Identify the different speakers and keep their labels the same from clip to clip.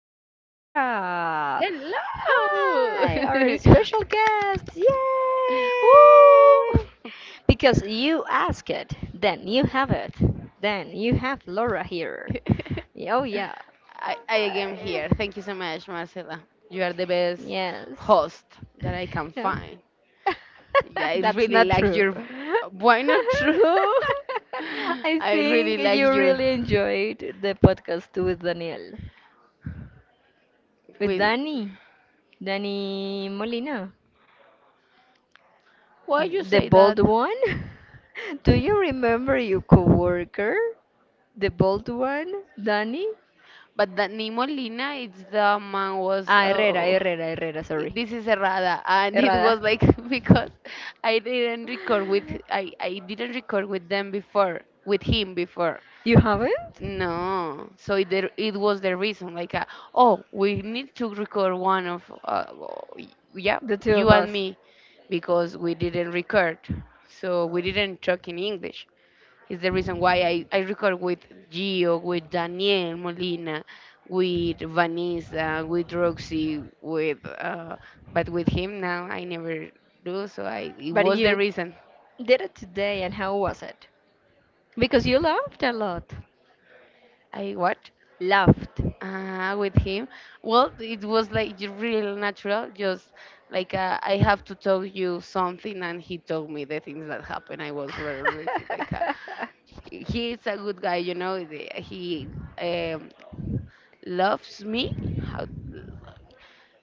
Speaker 1: with Laura.
Speaker 2: Hello!
Speaker 1: Hi, our special guest. Yay!
Speaker 2: Woo!
Speaker 1: Because you ask it, then you have it, then you have Laura here. Oh, yeah.
Speaker 2: I am here. Thank you so much, Marcela. You are the best
Speaker 1: Yes.
Speaker 2: host that I can
Speaker 1: No.
Speaker 2: find. Yeah, I
Speaker 1: That's
Speaker 2: really
Speaker 1: not
Speaker 2: like
Speaker 1: true.
Speaker 2: your. Why not true?
Speaker 1: I
Speaker 2: I really
Speaker 1: think
Speaker 2: like
Speaker 1: you
Speaker 2: your.
Speaker 1: really enjoyed the podcast with Daniel. With
Speaker 2: With
Speaker 1: Danny. Danny Molina.
Speaker 2: why you
Speaker 1: The
Speaker 2: say that?
Speaker 1: bald one? Do you remember your coworker? The bald one? Danny?
Speaker 2: But that Nemo Lina, it's the man was.
Speaker 1: Ah, Herrera, Herrera, Herrera, sorry.
Speaker 2: This is errada and it
Speaker 1: Herrera.
Speaker 2: was like because I didn't record with them before, with him before.
Speaker 1: You haven't?
Speaker 2: No, so it was the reason, like, oh, we need to record one of, well, yeah,
Speaker 1: The two
Speaker 2: you
Speaker 1: of
Speaker 2: and
Speaker 1: us.
Speaker 2: me because we didn't record, so we didn't talk in English. Is the reason why I record with Gio, with Daniel Molina, with Vanessa, with Roxy, with, but with him now I never do. So I it
Speaker 1: But
Speaker 2: was the
Speaker 1: you
Speaker 2: reason.
Speaker 1: did it today, and how was it? Because you laughed a lot.
Speaker 2: I what?
Speaker 1: Laughed.
Speaker 2: With him. Well, it was like real natural, just like, I have to tell you something, and he told me the things that happened. I was really like, he is a good guy, you know. He, um, loves me. How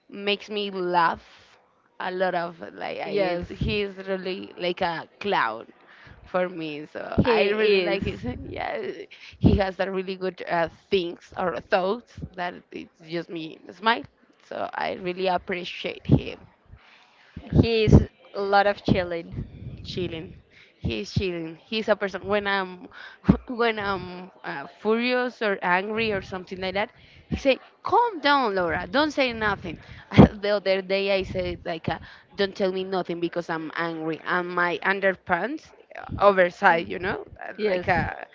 Speaker 2: makes me laugh a lot of like
Speaker 1: Yes,
Speaker 2: he's really like a clown for me, so I
Speaker 1: he
Speaker 2: really
Speaker 1: is.
Speaker 2: like it. Yeah. He has a really good, things or thoughts that it's just me smile, so I really appreciate him.
Speaker 1: He is a lot of chilling.
Speaker 2: Chilling. He's chilling. He's a person when I'm when I'm furious or angry or something like that. He say, "Calm down, Laura. Don't say nothing." The other day I said, like, "Don't tell me nothing because I'm angry." And my underpants, oversized, like
Speaker 1: Yes.
Speaker 2: a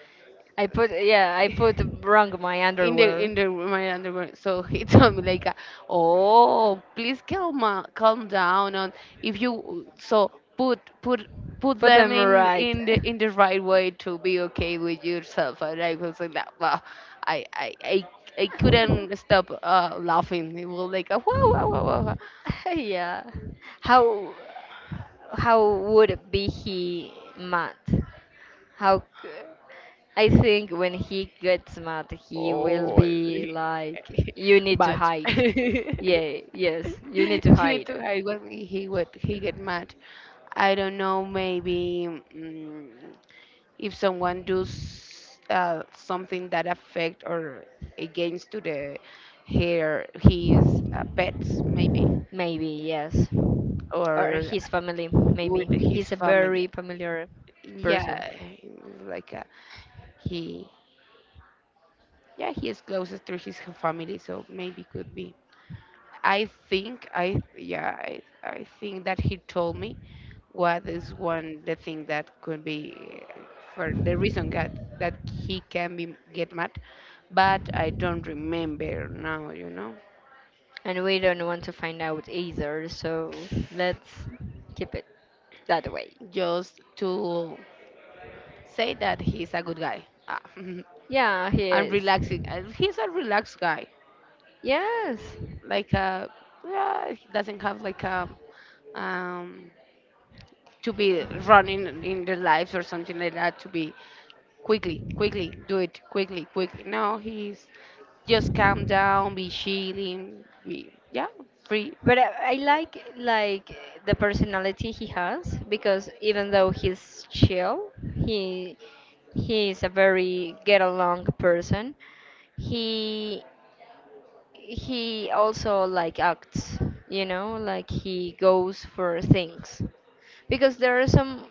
Speaker 1: I put, yeah, I put wrong my
Speaker 2: in the
Speaker 1: underwear.
Speaker 2: in the my underwear. So he told me, like, "Oh, please calm down. And if you so put
Speaker 1: Put
Speaker 2: them
Speaker 1: them
Speaker 2: in
Speaker 1: right.
Speaker 2: in the in the right way to be okay with yourself." And I was like, that, "Wow, I." I couldn't stop, laughing. It was like, a, wow, wow, wow, wow, wow.
Speaker 1: yeah. How would be he mad? How c- I think when he gets mad, he will
Speaker 2: Oh,
Speaker 1: be like, "You need to
Speaker 2: but
Speaker 1: hide."
Speaker 2: you
Speaker 1: Yeah, yes, you need to
Speaker 2: need
Speaker 1: hide.
Speaker 2: to hide when he get mad. I don't know, maybe. If someone does, something that affect or against to the her his pets, maybe,
Speaker 1: Maybe yes, or
Speaker 2: or
Speaker 1: his family. Maybe
Speaker 2: with his
Speaker 1: he's a
Speaker 2: family.
Speaker 1: very familiar person,
Speaker 2: Yeah, it's like a, he, yeah, he is closest to his family, so maybe could be. I think I yeah I think that he told me what is one the thing that could be for the reason that he can be get mad, but I don't remember now.
Speaker 1: and we don't want to find out either. So let's keep it that way.
Speaker 2: Just to say that he's a good guy. Ah,
Speaker 1: Yeah, he
Speaker 2: am
Speaker 1: is.
Speaker 2: relaxing. He's a relaxed guy,
Speaker 1: Yes.
Speaker 2: like, yeah, he doesn't have like a, um to be
Speaker 1: He-
Speaker 2: running in the lives or something like that, to be quickly, quickly, do it, quickly, quickly. No, he's just calm down, be chilling, be, yeah, free.
Speaker 1: But I like the personality he has because even though he's chill, he he is a very get along person. He he also like acts, you know, like he goes for things because there are some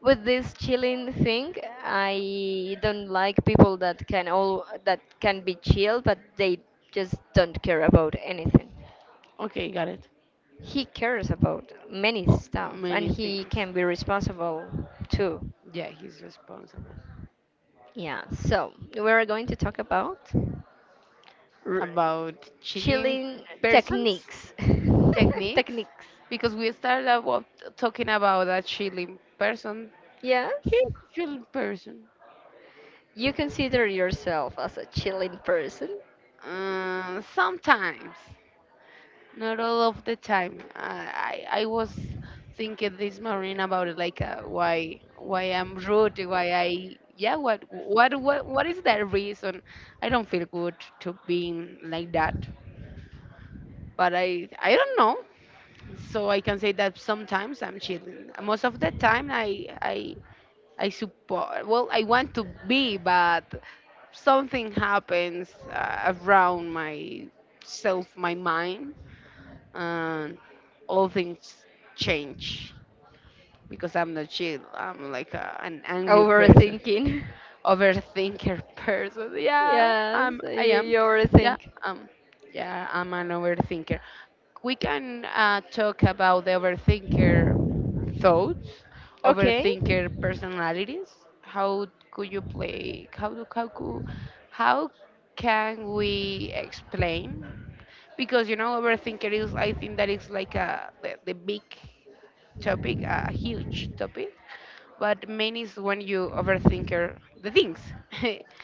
Speaker 1: with this chilling thing. I don't like people that can all that can be chill but they just don't care about anything.
Speaker 2: Okay, got it.
Speaker 1: He cares about many
Speaker 2: Oh,
Speaker 1: stuff and
Speaker 2: many
Speaker 1: he
Speaker 2: things.
Speaker 1: can be responsible too.
Speaker 2: Yeah, he's responsible.
Speaker 1: Yeah, so we're going to talk about r-
Speaker 2: About chilling
Speaker 1: chilling
Speaker 2: persons,
Speaker 1: techniques.
Speaker 2: techniques,
Speaker 1: Techniques.
Speaker 2: because we started about talking about a chilling person. He's
Speaker 1: Yes,
Speaker 2: a chilling person.
Speaker 1: you consider yourself as a chilling person.
Speaker 2: Sometimes. Not all of the time. I was thinking this morning about it, like, why I'm rude, why I, yeah, what is that reason? I don't feel good to being like that, but I don't know. So I can say that sometimes I'm chilling. Most of the time I support. Well, I want to be, but something happens, around my self, my mind, and all things change because I'm not chill. I'm like a, an angry person,
Speaker 1: Overthinking.
Speaker 2: overthinker person. Yeah,
Speaker 1: Yes,
Speaker 2: I'm.
Speaker 1: you,
Speaker 2: I am.
Speaker 1: you already
Speaker 2: Yeah,
Speaker 1: think.
Speaker 2: um, yeah, I'm an overthinker. We can, talk about the overthinker thoughts,
Speaker 1: Okay.
Speaker 2: overthinker personalities. How could you play? How do how could, how can we explain? Because you know overthinker is, I think that, is like a, the big topic, a huge topic, but main is when you overthinker the things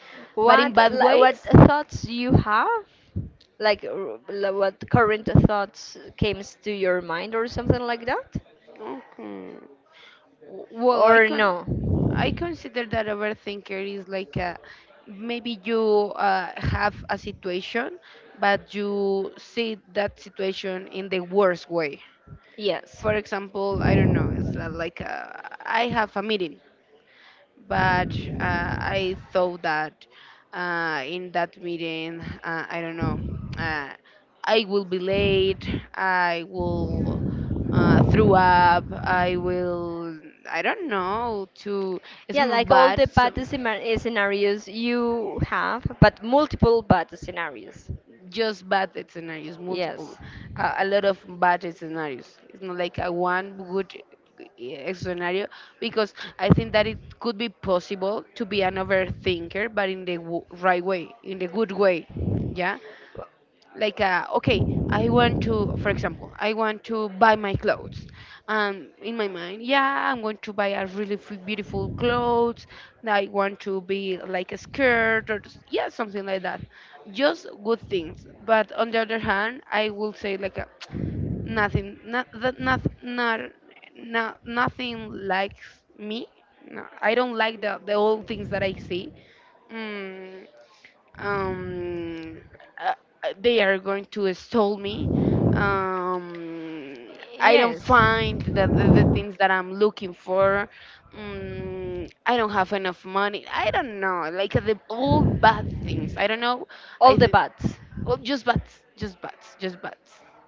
Speaker 2: but in
Speaker 1: What
Speaker 2: bad
Speaker 1: li- what
Speaker 2: ways.
Speaker 1: thoughts you have? Like r- l- what current thoughts came to your mind or something like that?
Speaker 2: Okay. Well,
Speaker 1: Or no?
Speaker 2: I consider that overthinker is like a, maybe you, have a situation, but you see that situation in the worst way.
Speaker 1: Yes.
Speaker 2: For example, I don't know, it's, like, I have a meeting, but, I thought that, in that meeting, I don't know, uh, I will be late, I will, throw up, I will, I don't know, to
Speaker 1: Yeah,
Speaker 2: smell
Speaker 1: like all
Speaker 2: bad.
Speaker 1: the
Speaker 2: So,
Speaker 1: bad scenar- scenarios you have, but multiple bad scenarios.
Speaker 2: just bad scenarios,
Speaker 1: Yes.
Speaker 2: multiple, a lot of bad scenarios. It's not like a one good, scenario, because I think that it could be possible to be an overthinker, but in the right way, in the good way. Yeah,
Speaker 1: Well,
Speaker 2: like, okay, I want to for example, I want to buy my clothes, in my mind, yeah, I'm going to buy a really beautiful clothes. I want to be like a skirt or just, yeah, something like that. Just good things, but on the other hand, I will say like a, nothing, not nothing likes me. No, I don't like the old things that I see. mm, um, uh, they are going to stole me. Um, I don't
Speaker 1: yes.
Speaker 2: find that the things that I'm looking for. I don't have enough money. I don't know, like, the all bad things. I don't know.
Speaker 1: All
Speaker 2: I
Speaker 1: the
Speaker 2: think,
Speaker 1: bats.
Speaker 2: well, just bad, just bad, just bad.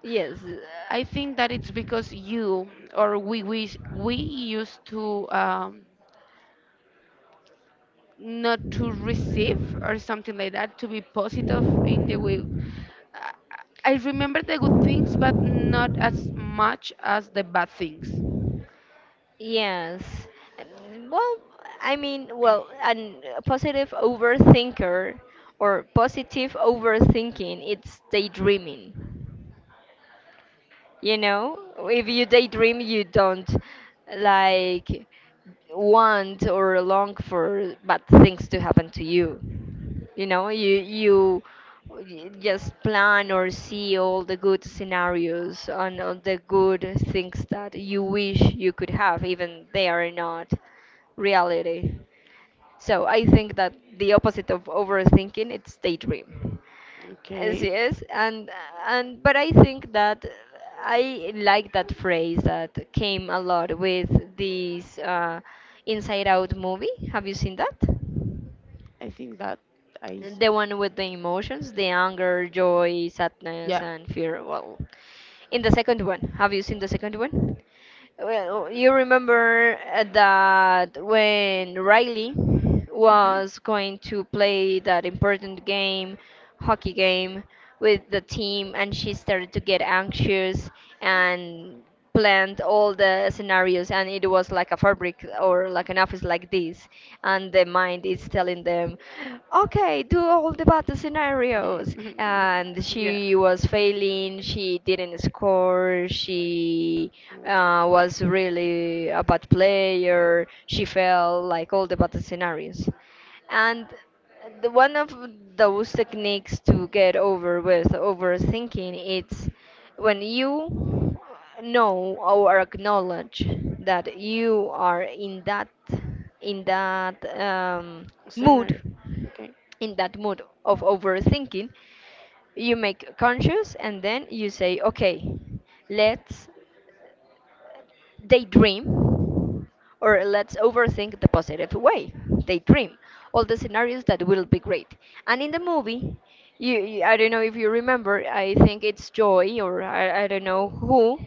Speaker 1: Yes.
Speaker 2: I think that it's because you, or we used to, not to receive or something like that, to be positive in the way. I I remember the good things, but not as much as the bad things.
Speaker 1: Yes. Well, I mean, an a positive overthinker or positive overthinking, it's daydreaming. You know, if you daydream, you don't like want or long for bad things to happen to you. You know, you y- just plan or see all the good scenarios and all the good things that you wish you could have, even they are not reality. So I think that the opposite of overthinking it's daydream. Yes,
Speaker 2: Okay.
Speaker 1: yes, and but I think that I like that phrase that came a lot with this Inside Out movie. Have you seen that?
Speaker 2: I think that I s-
Speaker 1: The one with the emotions, the anger, joy, sadness,
Speaker 2: yeah.
Speaker 1: and fear. Well, in the second one, have you seen the second one? Well, you remember that when Riley
Speaker 2: Mhm,
Speaker 1: was going to play that important game, hockey game, with the team, and she started to get anxious and planned all the scenarios, and it was like a fabric or like an office like this, and the mind is telling them, okay, do all the battle
Speaker 2: mhm.
Speaker 1: scenarios,
Speaker 2: Mhm,
Speaker 1: and
Speaker 2: yeah.
Speaker 1: she was failing, she didn't score, she was really a bad player, she fell like all the bad scenarios. And the one of those techniques to get over with overthinking it's when you know or acknowledge that you are in that mood,
Speaker 2: Scenario. Okay.
Speaker 1: in that mood of overthinking, you make conscious and then you say, okay, let's daydream, or let's overthink the positive way. Daydream all the scenarios that will be great. And in the movie, you- I don't know if you remember. I think it's Joy or I don't know who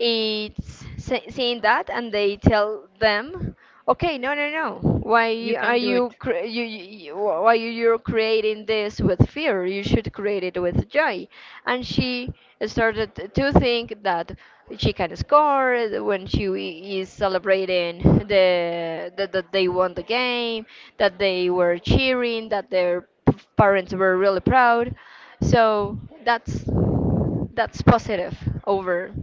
Speaker 1: it's sa- saying that, and they tell them, okay, no, no, no.
Speaker 2: You
Speaker 1: Why are
Speaker 2: can do it.
Speaker 1: you, cre- you, why you- you're creating this with fear? You should create it with joy. And she started to think that she can score when she is celebrating the that, that they won the game, that they were cheering, that their p- parents were really proud. So that's that's positive over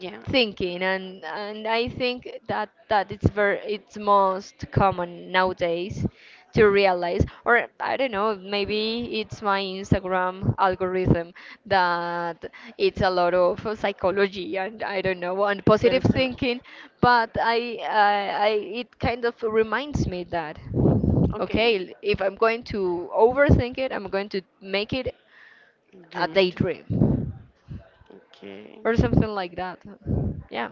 Speaker 2: Yeah.
Speaker 1: thinking. And I think that that it's very it's most common nowadays to realize, or I don't know, maybe it's my Instagram algorithm, that it's a lot of psychology and I don't know and
Speaker 2: But
Speaker 1: positive
Speaker 2: it's
Speaker 1: thinking, but I it kind of reminds me that
Speaker 2: okay,
Speaker 1: okay if I'm going to overthink it I'm going to make it a
Speaker 2: dream it.
Speaker 1: daydream
Speaker 2: Okay.
Speaker 1: or something like that. Yeah.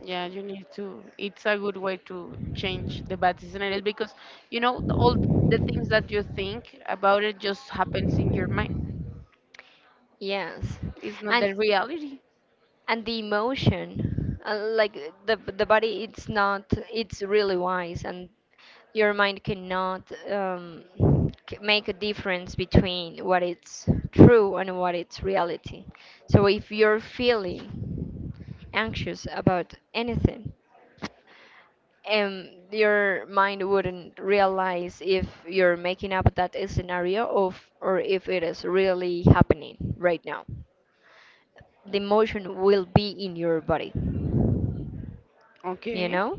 Speaker 2: Yeah, you need to. It's a good way to change the bad scenarios, because you know all the things that you think about, it just happens in your mind.
Speaker 1: Yes,
Speaker 2: It's not
Speaker 1: and
Speaker 2: the reality.
Speaker 1: and the emotion, the body, it's not, it's really wise, and your mind cannot c- make a difference between what it's true and what it's reality. So if you're feeling anxious about anything, and your mind wouldn't realize if you're making up that scenario of or if it is really happening right now. The emotion will be in your body, you
Speaker 2: Okay.
Speaker 1: know?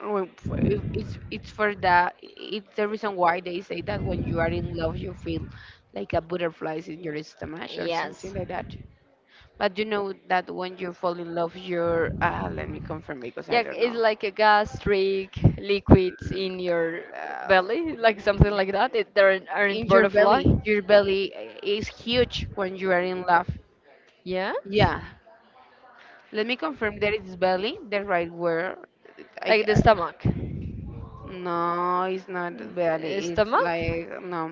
Speaker 2: Well, it's for that. It's the reason why they say that when you are in love, you feel like a butterflies in your stomach or
Speaker 1: Yes.
Speaker 2: something like that. But you know that when you fall in love, you're, let me confirm because I
Speaker 1: Yeah,
Speaker 2: don't
Speaker 1: it's
Speaker 2: know.
Speaker 1: like a gastric liquids
Speaker 2: L-
Speaker 1: in your
Speaker 2: uh,
Speaker 1: belly, like something like that. It, there aren't
Speaker 2: In
Speaker 1: butterfly.
Speaker 2: your belly, is huge when you are in love.
Speaker 1: Yes?
Speaker 2: Yeah, let me confirm that it's belly, the right word. I,
Speaker 1: Like the
Speaker 2: ca-
Speaker 1: stomach.
Speaker 2: no, it's not belly. It's
Speaker 1: Stomach?
Speaker 2: like, no,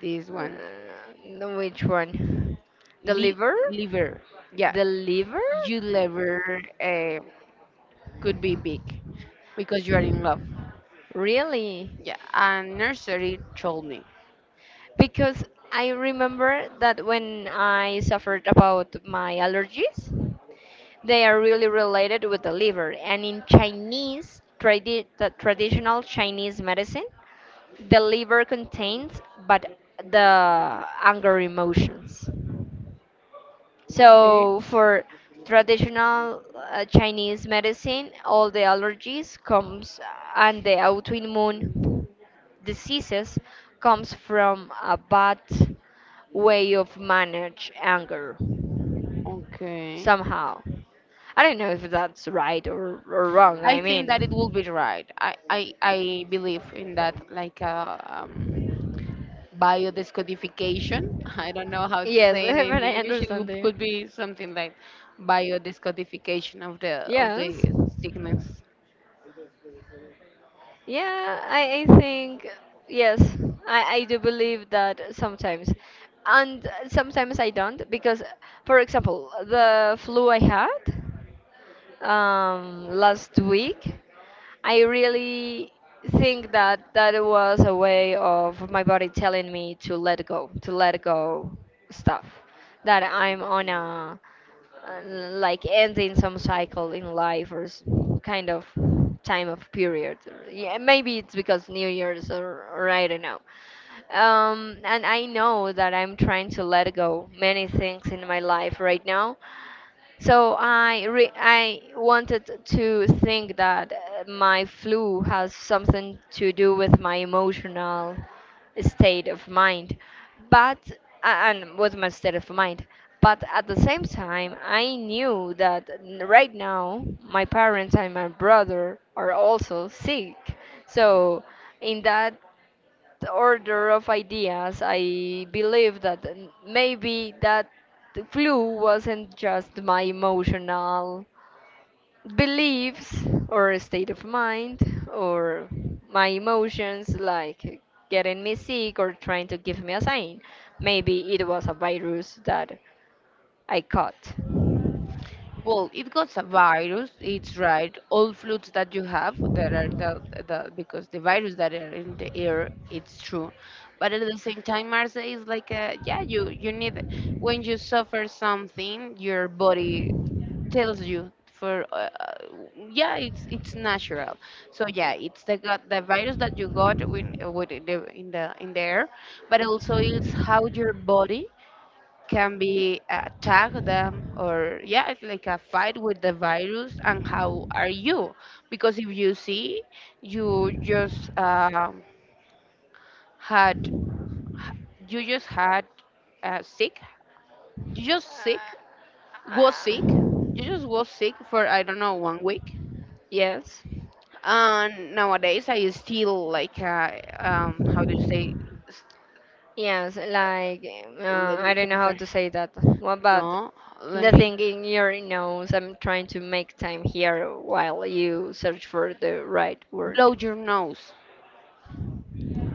Speaker 2: this one,
Speaker 1: No, which one? The
Speaker 2: Li-
Speaker 1: liver?
Speaker 2: liver. Yeah,
Speaker 1: The liver?
Speaker 2: your liver, uh, could be big because you are in love.
Speaker 1: Really?
Speaker 2: Yeah, and nursery told me.
Speaker 1: Because I remember that when I suffered about my allergies, they are really related with the liver. And in Chinese, tradi- the traditional Chinese medicine, the liver contains but the anger emotions.
Speaker 2: Okay.
Speaker 1: So, for traditional Chinese medicine, all the allergies comes and the autoimmune diseases comes from a bad way of manage anger
Speaker 2: Okay.
Speaker 1: somehow. I don't know if that's right or wrong,
Speaker 2: I
Speaker 1: I
Speaker 2: think that it will be
Speaker 1: mean.
Speaker 2: right. I believe in that, like, biodescodification. I don't know how to
Speaker 1: Yes,
Speaker 2: say it
Speaker 1: but
Speaker 2: in
Speaker 1: I
Speaker 2: English.
Speaker 1: understand you.
Speaker 2: Could be something like biodescodification of the of
Speaker 1: Yes.
Speaker 2: the sickness.
Speaker 1: Yeah, I think yes, I do believe that sometimes. And sometimes I don't because for example, the flu I had last week I really think that that was a way of my body telling me to let go stuff. That I'm on a like ending some cycle in life or s- kind of time of period. Or- Yeah, maybe it's because New Year's or I don't know. And I know that I'm trying to let go many things in my life right now, so I wanted to think that my flu has something to do with my emotional state of mind, but a- and with my state of mind. But at the same time, I knew that n- right now my parents and my brother are also sick. So in that the order of ideas, I believe that n- maybe that the clue wasn't just my emotional beliefs or state of mind or my emotions like getting me sick or trying to give me a sign. Maybe it was a virus that I caught.
Speaker 2: Well, it got a virus. It's right. All flutes that you have that are the because the virus that are in the air, it's true. But at the same time, Marse is like a, yeah, you need when you suffer something, your body tells you for, yeah, it's natural. So yeah, it's the got the virus that you got when with in the air, but also it's how your body can be attack them. Or yeah, it's like a fight with the virus, and how are you? Because if you see you just, had, you just had, sick, you just sick, was sick,
Speaker 1: Uh,
Speaker 2: you just was sick for, I don't know, one week,
Speaker 1: Yes.
Speaker 2: and nowadays I still like, how do you say, s-
Speaker 1: Yes, like
Speaker 2: let me
Speaker 1: I don't know how
Speaker 2: confirm,
Speaker 1: to say that. What about
Speaker 2: no, let
Speaker 1: the
Speaker 2: me,
Speaker 1: thing in your nose, I'm trying to make time here while you search for the right word.
Speaker 2: blow your nose.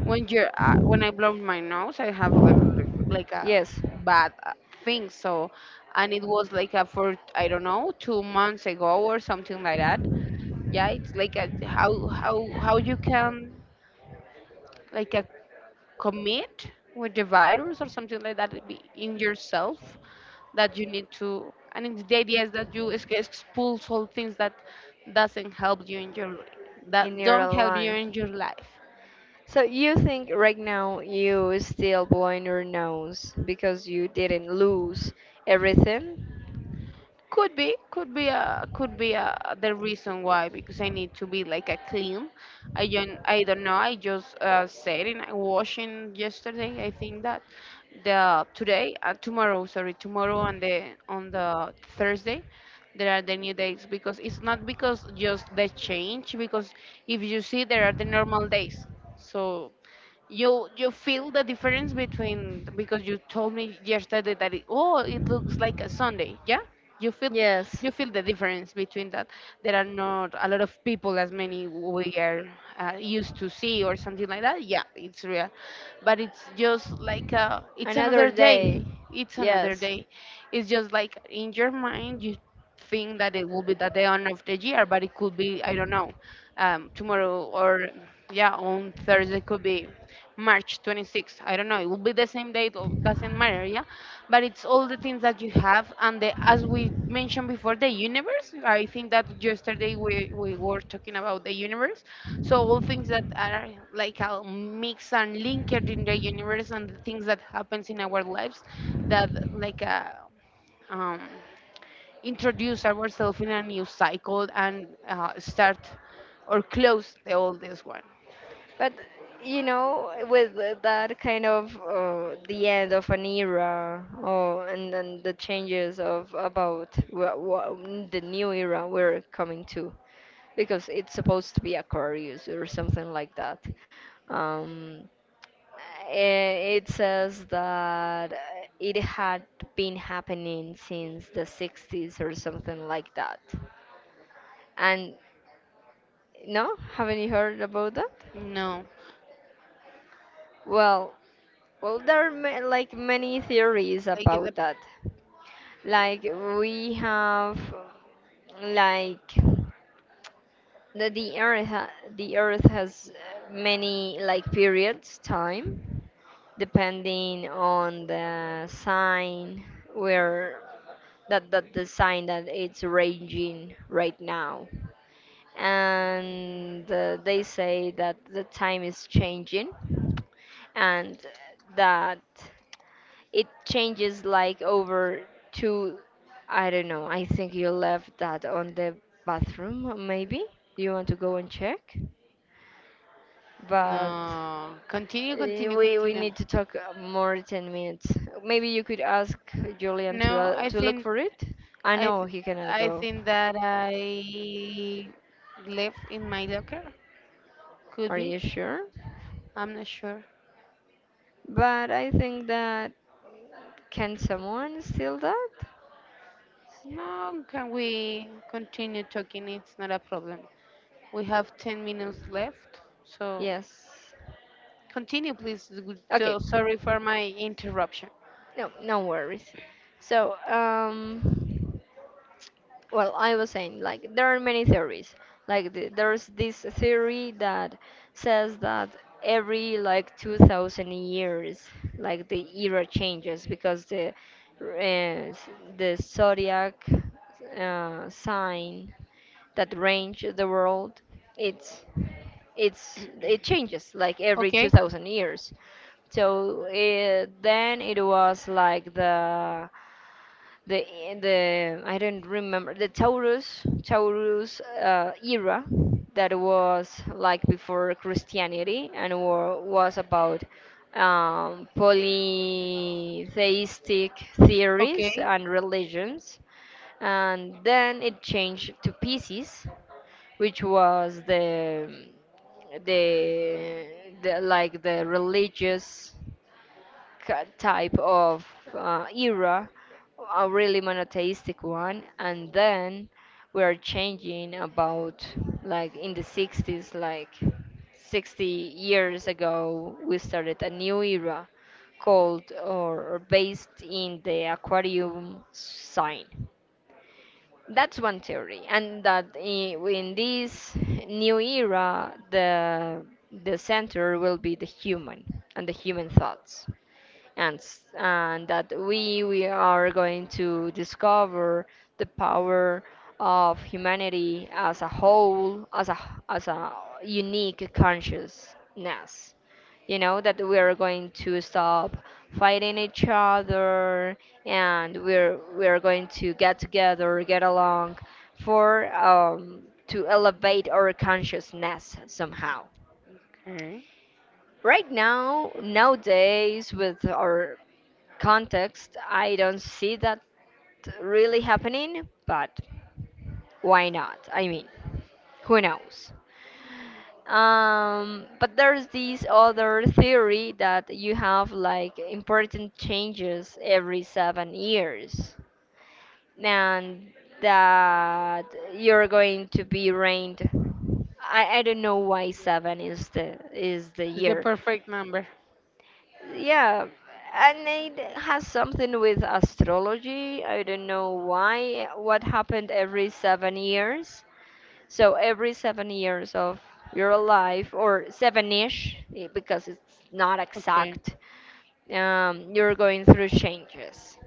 Speaker 2: When you're, when I blow my nose, I have a, like a
Speaker 1: Yes,
Speaker 2: bad, thing. So, and it was like a for, I don't know, 2 months ago or something like that. Yeah, it's like a how you can, like a, commit with the virus or something like that, it be in yourself that you need to. And it's, the idea is that you expulse all things that doesn't help you in your
Speaker 1: in
Speaker 2: that
Speaker 1: your
Speaker 2: don't help you
Speaker 1: life.
Speaker 2: in your life.
Speaker 1: So you think right now you is still blowing your nose because you didn't lose everything?
Speaker 2: Could be a the reason why, because I need to be like a clean. I don't know. I just said in I washing yesterday. I think that the today, tomorrow, sorry, tomorrow and the on the Thursday there are the new days, because it's not because just the change, because if you see there are the normal days. So you feel the difference between, because you told me yesterday that, it, oh, it looks like a Sunday, yeah. you feel
Speaker 1: Yes,
Speaker 2: you feel the difference between that. There are not a lot of people as many we are used to see or something like that, yeah, it's real. But it's just like, it's
Speaker 1: another
Speaker 2: another day.
Speaker 1: day.
Speaker 2: It's another
Speaker 1: Yes.
Speaker 2: day. It's just like in your mind, you think that it will be the day on of the year, but it could be, I don't know, tomorrow, or yeah on Thursday could be March 26th. I don't know. It will be the same date. Or doesn't matter. Yeah, but it's all the things that you have, and the, as we mentioned before, the universe. I think that yesterday we were talking about the universe. So all things that are like a mix and linked in the universe, and the things that happens in our lives, that like a um, introduce ourselves in a new cycle and start or close the oldest one.
Speaker 1: But you know, with that kind of the end of an era, or and then the changes of about wha- wha- the new era we're coming to, because it's supposed to be Aquarius or something like that. Um, it says that it had been happening since the 60s or something like that. And no, haven't you heard about that?
Speaker 2: No,
Speaker 1: Well, there are ma like many theories
Speaker 2: like the.
Speaker 1: about that. Like we have like the earth ha the earth has many like periods time depending on the sign where that that the sign that it's ranging right now. And they say that the time is changing and that it changes like over to I don't know. I think you left that on the bathroom maybe. Do you want to go and check? But
Speaker 2: No, continue,
Speaker 1: eh,
Speaker 2: continue,
Speaker 1: we we
Speaker 2: continue.
Speaker 1: need to talk more 10 minutes. Maybe you could ask Julian
Speaker 2: No, I
Speaker 1: to look
Speaker 2: think,
Speaker 1: for it. I
Speaker 2: I
Speaker 1: know
Speaker 2: th-
Speaker 1: he cannot
Speaker 2: I
Speaker 1: go.
Speaker 2: think that I left in my locker. Could
Speaker 1: Are
Speaker 2: be.
Speaker 1: you sure?
Speaker 2: I'm not sure.
Speaker 1: But I think that can someone steal that?
Speaker 2: No, can we continue talking? It's not a problem. We have 10 minutes left, so
Speaker 1: Yes.
Speaker 2: continue, please.
Speaker 1: Okay.
Speaker 2: So sorry for my interruption.
Speaker 1: No, no worries. So, well I was saying like there are many theories, like the, there's this theory that says that every like 2000 years, like the era changes because the uh, s- the zodiac sign that range the world, it's it changes like every
Speaker 2: Okay,
Speaker 1: 2000 years. So then it was like the the I don't remember the Taurus era that was like before Christianity and wa- was about polytheistic theories
Speaker 2: okay,
Speaker 1: and religions, and then it changed to Pisces, which was the the like the religious ca- type of era, a really monotheistic one, and then we are changing about like in the 60s, like 60 years ago, we started a new era called or based in the Aquarium sign. That's one theory, and in this new era, the center will be the human and the human thoughts ants and that we are going to discover the power of humanity as a whole, as a as a unique consciousness, that we are going to stop fighting each other, and we're going to get together, get along, for to elevate our consciousness somehow.
Speaker 2: okay.
Speaker 1: Right now, nowadays, with our context, I don't see that really happening, but why not? I mean, who knows? But there's this other theory that you have like important changes every 7 years, and that you're going to be ranked. I don't know why seven is the
Speaker 2: It's the
Speaker 1: year.
Speaker 2: perfect number.
Speaker 1: Yeah, and it has something with astrology. I don't know why. What happened every 7 years? So every 7 years of your life, or seven-ish, eh, because it's not
Speaker 2: Okay,
Speaker 1: exact, you're going through changes.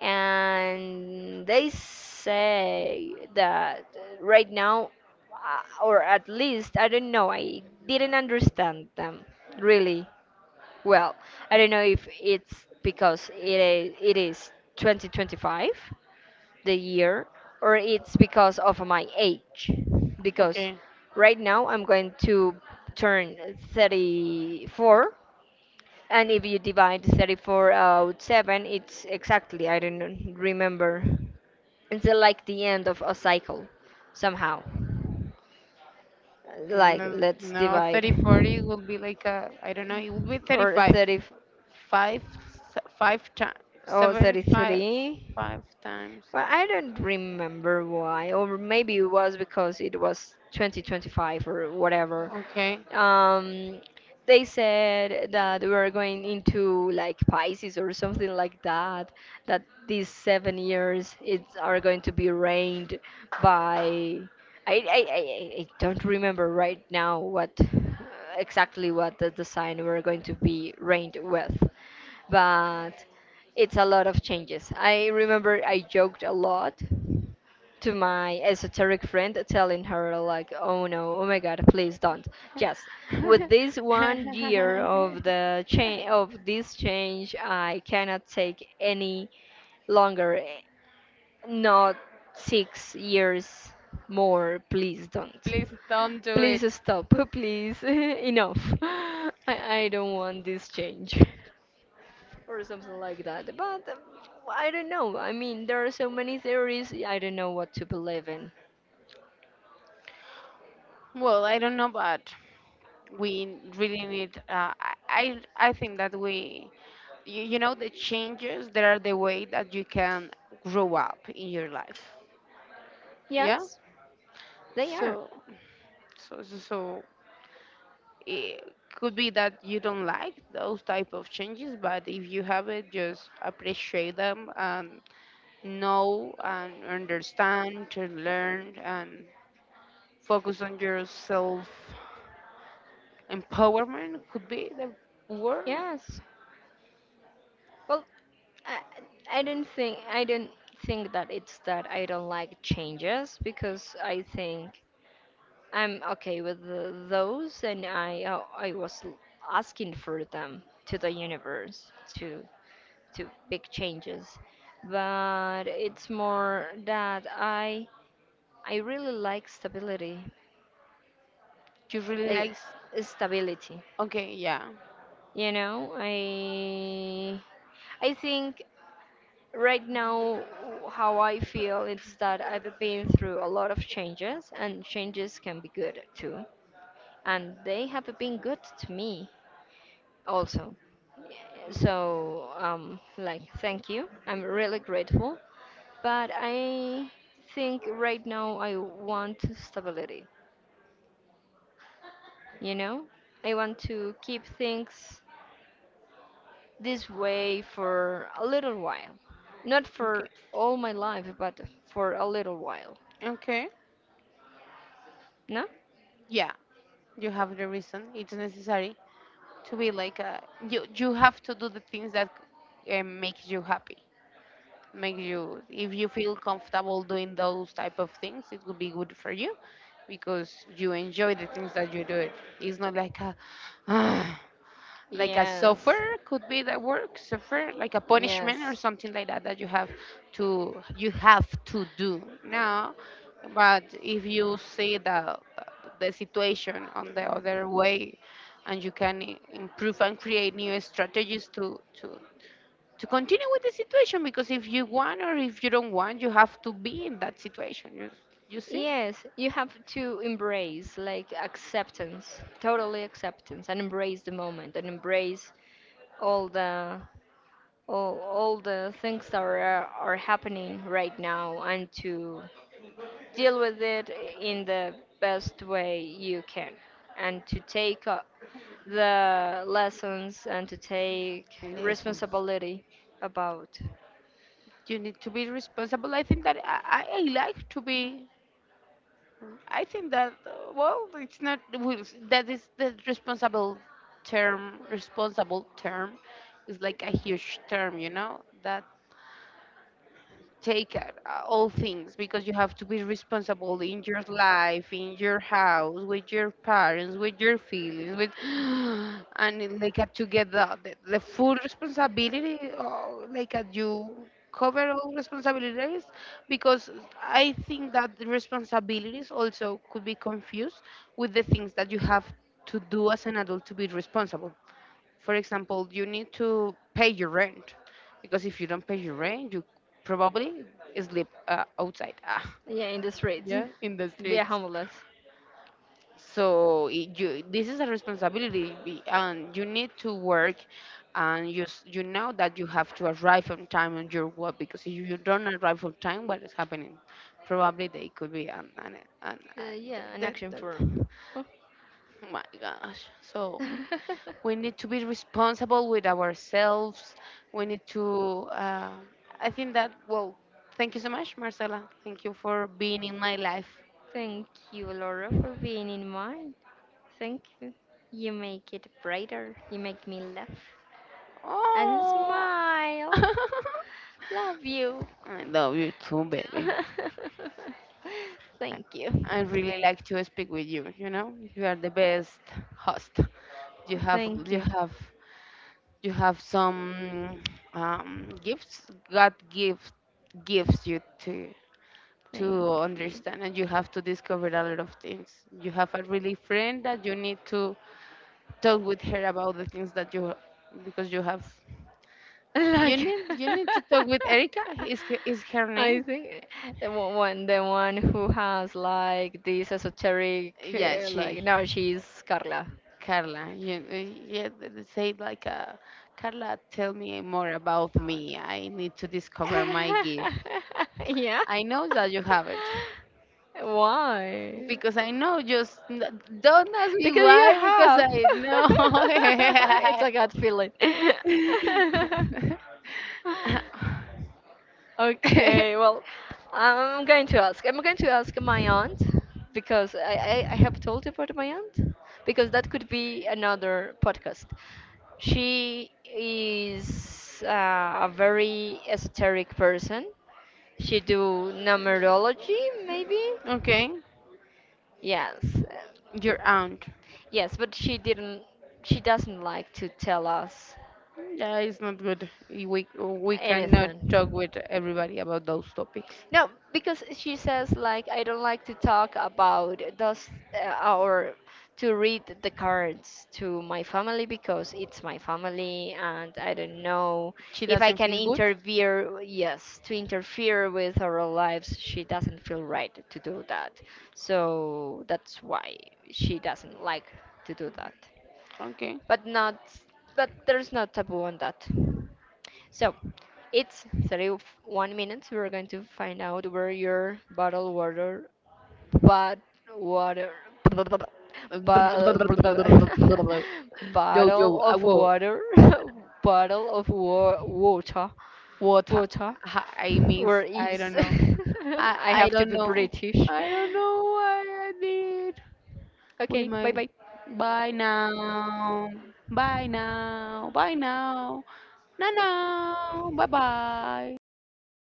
Speaker 1: And they say that right now, or at least I don't know, I didn't understand them really well, I don't know if it's because it is 2025, the year, or it's because of my age. Because
Speaker 2: okay.
Speaker 1: right now I'm going to turn 34, and if you divide 34 out 7, it's exactly, I don't remember. It's like the end of a cycle, somehow. Like,
Speaker 2: No,
Speaker 1: let's
Speaker 2: no,
Speaker 1: divide.
Speaker 2: 30, 40 will be like a, I don't know, it will be
Speaker 1: Or
Speaker 2: 35.
Speaker 1: 30,
Speaker 2: Five, five times,
Speaker 1: or
Speaker 2: seven, five,
Speaker 1: 33.
Speaker 2: five times.
Speaker 1: Well, I don't remember why, or maybe it was because it was 2025 or whatever.
Speaker 2: Okay.
Speaker 1: Um, they said that we were going into like Pisces or something like that, that these 7 years it are going to be reigned by. I don't remember right now what exactly what the sign we're going to be reigned with, but it's a lot of changes. I remember I joked a lot to my esoteric friend, telling her like, oh no, oh my god, please don't, just, with this one year of the change, of this change, I cannot take any longer, not 6 years more, please don't,
Speaker 2: Please don't do
Speaker 1: please
Speaker 2: it.
Speaker 1: stop, please enough, I don't want this change, or something like that. But I don't know. I mean, there are so many theories. I don't know what to believe in.
Speaker 2: Well, I don't know, but we really need. I think that we, the changes that are the way that you can grow up in your life. Yeah.
Speaker 1: Yes, they are.
Speaker 2: So so it could be that you don't like those type of changes, but if you have it, just appreciate them and know and understand and learn and focus on your self empowerment, could be the word.
Speaker 1: Yes. Well, I don't think that it's that I don't like changes, because I think I'm okay with those, and I asking for them, to the universe, to big changes, but it's more that I really like stability,
Speaker 2: You really
Speaker 1: uh,
Speaker 2: like s-.
Speaker 1: stability.
Speaker 2: Okay, yeah.
Speaker 1: You know, I think right now how I feel is that I've been through a lot of changes, and changes can be good too, and they have been good to me also. So, like, thank you. I'm really grateful. But I think right now I want stability, you know? I want to keep things this way for a little while. Not for
Speaker 2: Okay,
Speaker 1: all my life, but for a little while.
Speaker 2: okay,
Speaker 1: No?
Speaker 2: yeah. You have the reason, it's necessary to be like a, you have to do the things that make you happy, make you, if you feel comfortable doing those type of things, it would be good for you, because you enjoy the things that you do. It's not like a like a suffer,
Speaker 1: Yes.
Speaker 2: could be the work, suffer like a punishment or
Speaker 1: Yes.
Speaker 2: something like that that you have to, you have to do, no. But if you see the situation on the other way, and you can improve and create new strategies to continue with the situation, because if you want or if you don't want, you have to be in that situation. You see?
Speaker 1: Yes, you have to embrace, like acceptance, totally acceptance, and embrace the moment, and embrace all the all the things that are happening right now, and to deal with it in the best way you can, and to take up the lessons, and to take
Speaker 2: Lessons.
Speaker 1: responsibility about.
Speaker 2: You need to be responsible. I think that I like to be. I think that, well, it's not well, that is the responsible term. Responsible term is like a huge term, you know. That take all things, because you have to be responsible in your life, in your house, with your parents, with your feelings, with and it, like, to get the full responsibility, or like you cover all responsibilities, because I think that the responsibilities also could be confused with the things that you have to do as an adult to be responsible. For example, you need to pay your rent, because if you don't pay your rent, you probably sleep outside, ah,
Speaker 1: Yeah, in the streets.
Speaker 2: yeah, in the
Speaker 1: Be a
Speaker 2: streets.
Speaker 1: homeless.
Speaker 2: So it, you, this is a responsibility, and you need to work, and you know that you have to arrive on time on your work, because if you don't arrive on time, what is happening? Probably they could be an, an
Speaker 1: Yeah, an
Speaker 2: dead,
Speaker 1: action
Speaker 2: dead.
Speaker 1: firm. Huh.
Speaker 2: My gosh, so, we need to be responsible with ourselves. We need to. I think that. Well, thank you so much, Marcela. Thank you for being in my life.
Speaker 1: Thank you, Laura, for being in mine. Thank you. You make it brighter, you make me laugh and
Speaker 2: Oh,
Speaker 1: smile.
Speaker 2: I
Speaker 1: Love you.
Speaker 2: love you too, baby. I,
Speaker 1: Thank you.
Speaker 2: I really like to speak with you. You know, you are the best host. You have,
Speaker 1: Thank
Speaker 2: you
Speaker 1: you.
Speaker 2: have, you have some gifts. God gives you to
Speaker 1: Thank
Speaker 2: to
Speaker 1: you.
Speaker 2: understand, and you have to discover a lot of things. You have a really friend that you need to talk with her about the things that you, because you have, you
Speaker 1: Like.
Speaker 2: need you need to talk with Erica. Is her
Speaker 1: I
Speaker 2: name?
Speaker 1: think the the one who has like this esoteric,
Speaker 2: Yeah,
Speaker 1: like,
Speaker 2: she
Speaker 1: no, she's Carla.
Speaker 2: Carla. You, yeah, say it like Carla, tell me more about me. I need to discover my gift.
Speaker 1: Yeah.
Speaker 2: I know that you have it
Speaker 1: Why?
Speaker 2: because I know. Just don't ask me
Speaker 1: Because you
Speaker 2: why, because
Speaker 1: have.
Speaker 2: I
Speaker 1: It's a
Speaker 2: know.
Speaker 1: gut feeling. Okay, well, I'm going to ask. I'm going to ask my aunt, because I have told you about my aunt, because that could be another podcast. She is a very esoteric person. She do numerology, maybe?
Speaker 2: Okay,
Speaker 1: Yes.
Speaker 2: your aunt.
Speaker 1: Yes, but she didn't. She doesn't like to tell us
Speaker 2: Yeah, it's not good. We cannot talk
Speaker 1: anything.
Speaker 2: with everybody about those topics.
Speaker 1: No, because she says like, I don't like to talk about those, or to read the cards to my family, because it's my family and I don't know
Speaker 2: She
Speaker 1: if I
Speaker 2: doesn't
Speaker 1: can
Speaker 2: feel good.
Speaker 1: interfere. Yes, to interfere with our lives, she doesn't feel right to do that. So that's why she doesn't like to do that.
Speaker 2: Okay.
Speaker 1: But not, but there's no taboo on that. So it's 31 minutes. We're going to find out where your bottled water, but water, bottle,
Speaker 2: Yo yo,
Speaker 1: bottle
Speaker 2: I
Speaker 1: of
Speaker 2: will.
Speaker 1: water, water,
Speaker 2: What
Speaker 1: water,
Speaker 2: I miss.
Speaker 1: where
Speaker 2: I
Speaker 1: is?
Speaker 2: don't know. I
Speaker 1: I
Speaker 2: I
Speaker 1: have to
Speaker 2: don't
Speaker 1: be
Speaker 2: know.
Speaker 1: British.
Speaker 2: I don't know what I did with
Speaker 1: Okay, bye
Speaker 2: my.
Speaker 1: bye.
Speaker 2: Bye now. Bye now. Bye now. No, no. Bye bye. Stop.